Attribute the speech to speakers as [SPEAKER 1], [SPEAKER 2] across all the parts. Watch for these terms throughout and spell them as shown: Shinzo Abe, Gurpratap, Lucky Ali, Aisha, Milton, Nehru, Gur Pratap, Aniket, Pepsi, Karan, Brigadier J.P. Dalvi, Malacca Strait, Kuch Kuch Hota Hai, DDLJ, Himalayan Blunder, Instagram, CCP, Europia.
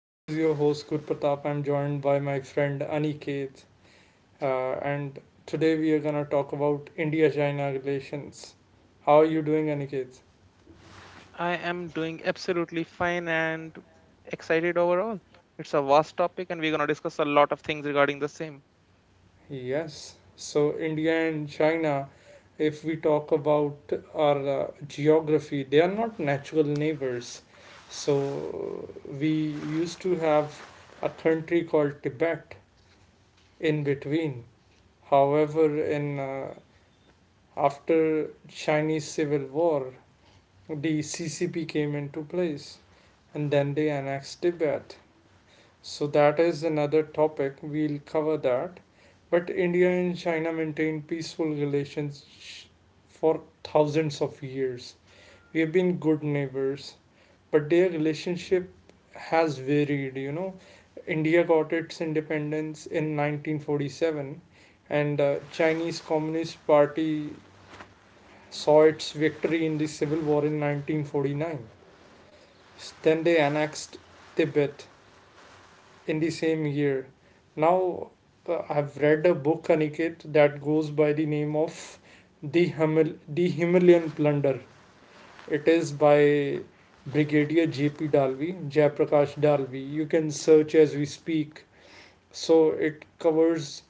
[SPEAKER 1] This is your host Gur Pratap. I'm joined by my friend Aniket, and today we are gonna talk about India-China relations. How are you doing, Aniket?
[SPEAKER 2] I am doing absolutely fine and excited overall. It's a vast topic, and we're going to discuss a lot of things regarding the same.
[SPEAKER 1] Yes. So India and China, if we talk about our geography, they are not natural neighbors. So we used to have a country called Tibet in between. However, in After Chinese Civil War, the CCP came into place and then they annexed Tibet. So that is another topic, we'll cover that. But India and China maintained peaceful relations for thousands of years. We have been good neighbors, but their relationship has varied. India got its independence in 1947 and Chinese Communist Party saw its victory in the Civil War in 1949. Then they annexed Tibet in the same year. Now I've read a book, Aniket, that goes by the name of the Himalayan Plunder. It is by Brigadier J.P. Dalvi, Jayaprakash Dalvi. You can search as we speak. So it covers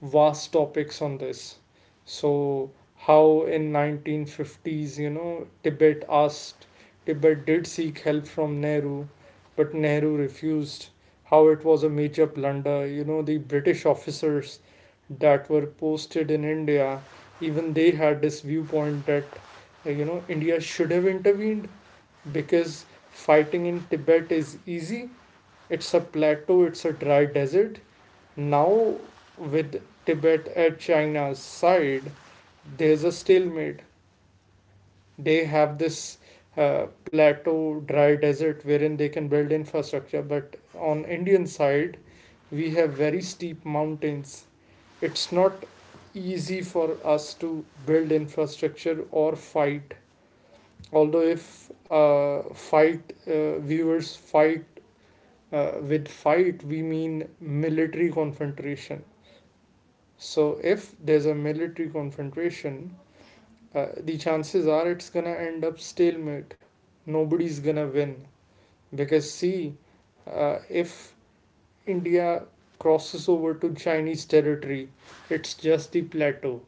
[SPEAKER 1] vast topics on this. So how in 1950s, you know, Tibet did seek help from Nehru, but Nehru refused. How it was a major blunder. You know, the British officers that were posted in India, even they had this viewpoint that, you know, India should have intervened because fighting in Tibet is easy. It's a plateau, it's a dry desert. Now, with Tibet at China's side, there's a stalemate. They have this plateau, dry desert wherein they can build infrastructure, but on Indian side, we have very steep mountains. It's not easy for us to build infrastructure or fight. Although if fight viewers, fight with fight, we mean military confrontation. So if there's a military confrontation, the chances are it's gonna end up stalemate. Nobody's gonna win because see, if India crosses over to Chinese territory, it's just the plateau.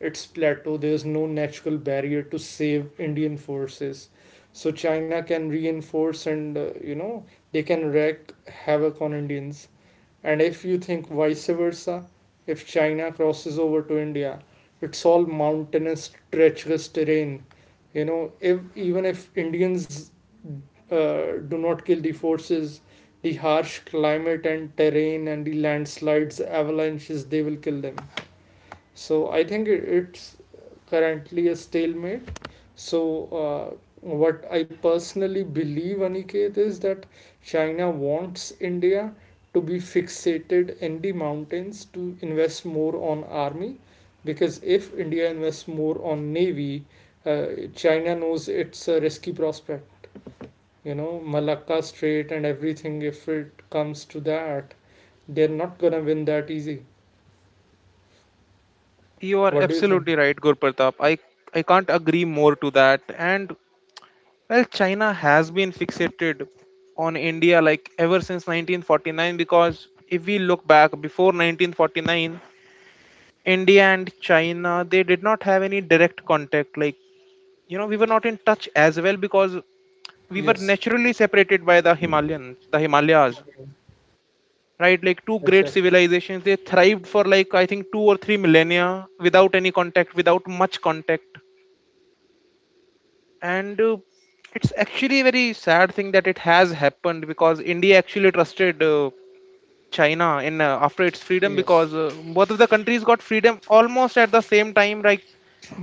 [SPEAKER 1] It's plateau. There's no natural barrier to save Indian forces, so China can reinforce and, they can wreak havoc on Indians. And if you think vice versa, if China crosses over to India, it's all mountainous, treacherous terrain. You know, if even if Indians uh, do not kill the forces, the harsh climate and terrain and the landslides, avalanches, they will kill them. So I think it's currently a stalemate. So, what I personally believe, Aniket, is that China wants India to be fixated in the mountains to invest more on army, because if India invests more on navy, uh, China knows it's a risky prospect. You know, Malacca Strait and everything. If it comes to that, they're not gonna win that easy.
[SPEAKER 2] You are
[SPEAKER 1] What do you think?
[SPEAKER 2] absolutely right, Gurpratap. I can't agree more to that. And well, China has been fixated on India like ever since 1949, because if we look back before 1949, India and China, they did not have any direct contact. Like, you know, we were not in touch as well because we were
[SPEAKER 1] Yes,
[SPEAKER 2] naturally separated by the Himalayans, the Himalayas, right? Like, two great
[SPEAKER 1] exactly.
[SPEAKER 2] civilizations, they thrived for like, I think, two or three millennia without any contact, without much contact. And it's actually a very sad thing that it has happened because India actually trusted. China in after its freedom
[SPEAKER 1] Yes,
[SPEAKER 2] because both of the countries got freedom almost at the same time. Like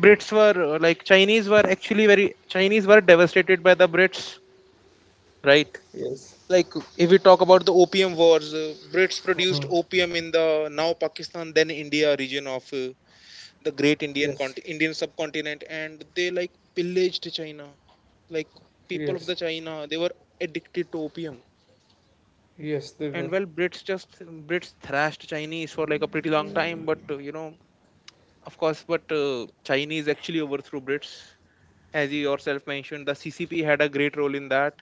[SPEAKER 2] Brits were like Chinese were actually very Chinese were devastated by the Brits, right?
[SPEAKER 1] yes.
[SPEAKER 2] Like if we talk about the opium wars, Brits produced
[SPEAKER 1] Mhm.
[SPEAKER 2] opium in the now Pakistan then India region of the
[SPEAKER 1] Yes,
[SPEAKER 2] Indian subcontinent, and they like pillaged China. Like people of
[SPEAKER 1] yes.
[SPEAKER 2] the China, they were addicted to opium.
[SPEAKER 1] Yes, they were.
[SPEAKER 2] And well brits just brits thrashed chinese for like a pretty long time, but of course. But chinese actually overthrew brits, as you yourself mentioned. The CCP had a great role in that.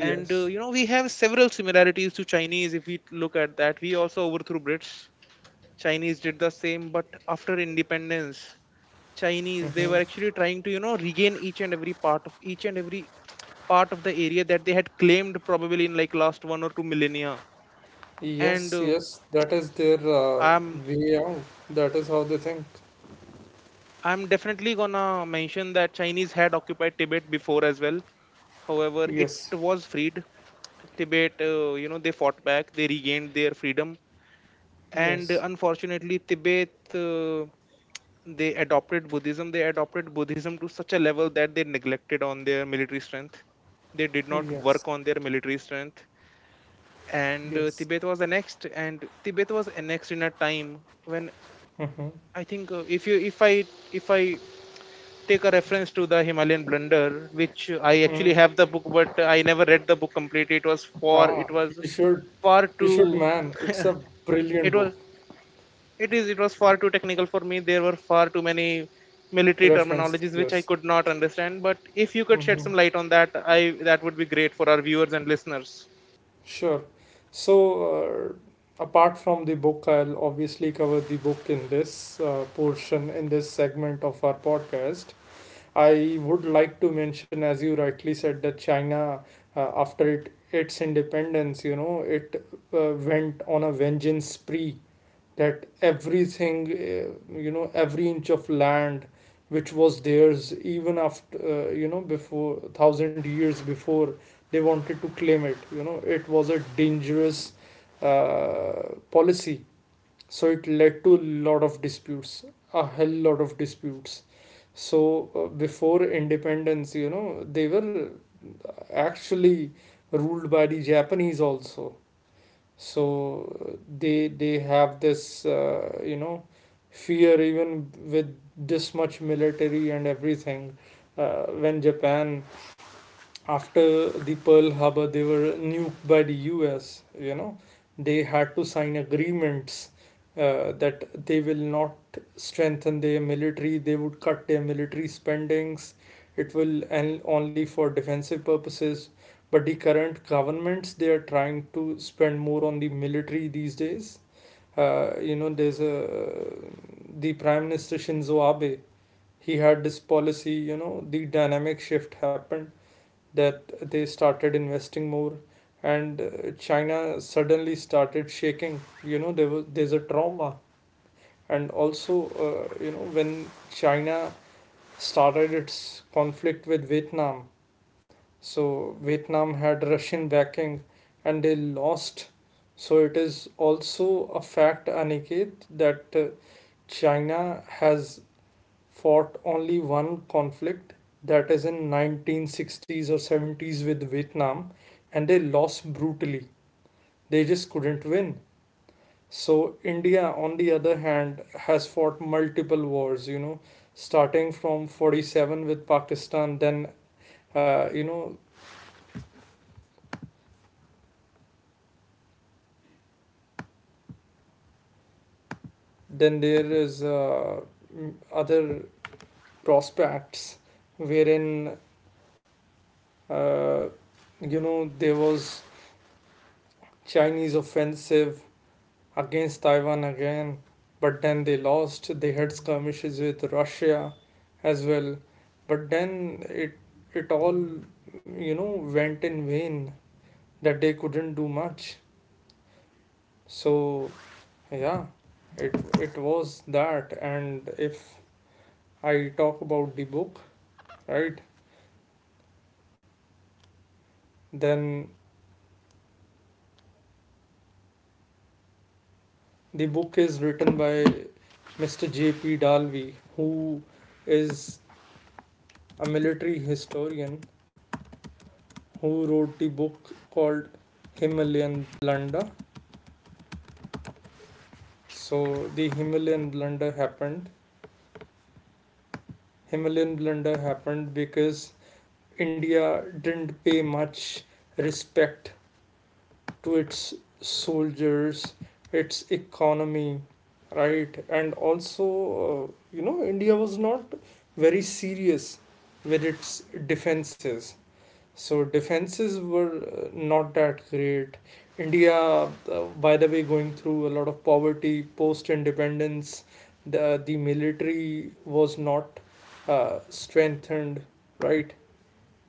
[SPEAKER 2] And we have several similarities to chinese. If we look at that, we also overthrew brits, chinese did the same. But after independence, chinese, they were
[SPEAKER 1] Hmm.
[SPEAKER 2] actually trying to, you know, regain each and every part of the area that they had claimed probably in like last one or two millennia. And
[SPEAKER 1] Yes, yes. That is their
[SPEAKER 2] i'm
[SPEAKER 1] way out. That is how they think.
[SPEAKER 2] I'm definitely gonna mention that Chinese had occupied Tibet before as well. However, it
[SPEAKER 1] Yes,
[SPEAKER 2] was freed. Tibet, you know, they fought back, they regained their freedom, and
[SPEAKER 1] yes,
[SPEAKER 2] unfortunately, Tibet, they adopted Buddhism. They adopted Buddhism to such a level that they neglected on their military strength. They did not
[SPEAKER 1] yes,
[SPEAKER 2] work on their military strength, and
[SPEAKER 1] yes.
[SPEAKER 2] Tibet was annexed. And Tibet was annexed in a time when
[SPEAKER 1] Hmm.
[SPEAKER 2] I think, if you, if I take a reference to the Himalayan Blunder, which I
[SPEAKER 1] Mm.
[SPEAKER 2] actually have the book, but I never read the book completely. It was for it
[SPEAKER 1] Ah,
[SPEAKER 2] was far
[SPEAKER 1] you should,
[SPEAKER 2] too
[SPEAKER 1] man. It's a brilliant
[SPEAKER 2] it
[SPEAKER 1] book.
[SPEAKER 2] was it is it was far too technical for me. There were far too many military
[SPEAKER 1] Reference,
[SPEAKER 2] terminologies which I
[SPEAKER 1] yes.
[SPEAKER 2] could not understand. But if you could
[SPEAKER 1] Hmm.
[SPEAKER 2] shed some light on that, I that would be great for our viewers and listeners.
[SPEAKER 1] Sure. So, apart from the book, I'll obviously cover the book in this segment of our podcast. I would like to mention, as you rightly said, that China, its independence, you know, it went on a vengeance spree, that everything, you know, every inch of land which was theirs, even after, you know, before thousand years before, they wanted to claim it. You know, it was a dangerous policy. So it led to a lot of disputes, a hell lot of disputes. So before independence, you know, they were actually ruled by the Japanese also. So they have this you know, fear even with this much military and everything. When Japan after the Pearl Harbor, they were nuked by the US. You know, they had to sign agreements that they will not strengthen their military. They would cut their military spendings. It will and only for defensive purposes. But the current governments, they are trying to spend more on the military these days. You know, there's a the Prime Minister Shinzo Abe. He had this policy. You know, the dynamic shift happened that they started investing more, and China suddenly started shaking. You know, there's a trauma, and also you know, when China started its conflict with Vietnam, so Vietnam had Russian backing, and they lost. So it is also a fact, Aniket, that China has fought only one conflict, that is in 1960s or 70s with Vietnam, and they lost brutally. They just couldn't win. So India on the other hand has fought multiple wars, you know, starting from 47 with Pakistan. Then you know, then there is other prospects wherein uh, you know, there was Chinese offensive against Taiwan again, but then they lost. They had skirmishes with Russia as well, but then it all, you know, went in vain, that they couldn't do much. So yeah, it it was that. And if I talk about the book, right, then the book is written by Mr. J.P. Dalvi, who is a military historian, who wrote the book called Himalayan Blunder. So the Himalayan blunder happened. Himalayan blunder happened because India didn't pay much respect to its soldiers, its economy, right? And also, you know, India was not very serious with its defenses. So defenses were not that great. India, by the way, going through a lot of poverty post independence. The military was not strengthened, right?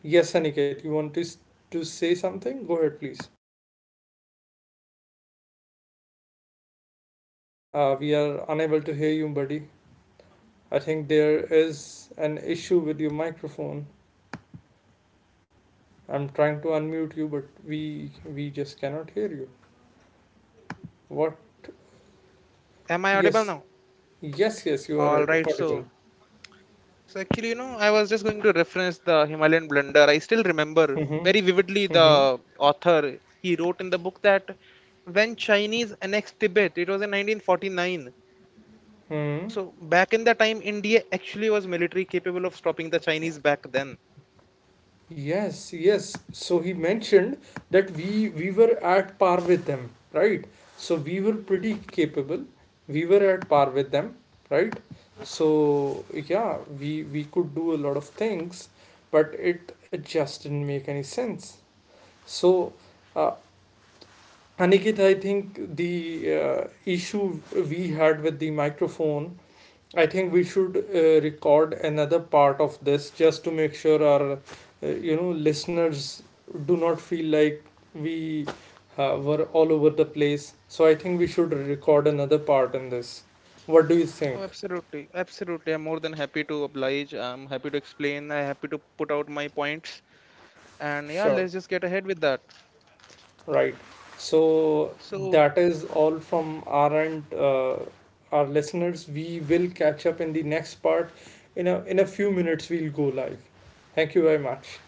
[SPEAKER 1] Yes, Aniket, you want to say something? Go ahead, please. We are unable to hear you, buddy. I think there is an issue with your microphone. I'm trying to unmute you, but we we just cannot hear you. What? Yes. Yes, yes, you are audible. Mm-hmm. Mm-hmm. Hmm. Yes, yes. So he mentioned that we were at par with them, right? So we were pretty capable. We were at par with them, right? So yeah, we could do a lot of things, but it just didn't make any sense. So, uh, Aniket, I think the issue we had with the microphone, I think we should record another part of this just to make sure our you know, listeners do not feel like we were all over the place. So I think we should record another part in this. What do you think? Sure. Right. So that is all from our end, our listeners. We will catch up in the next part. In a few minutes, we'll go live. Thank you very much.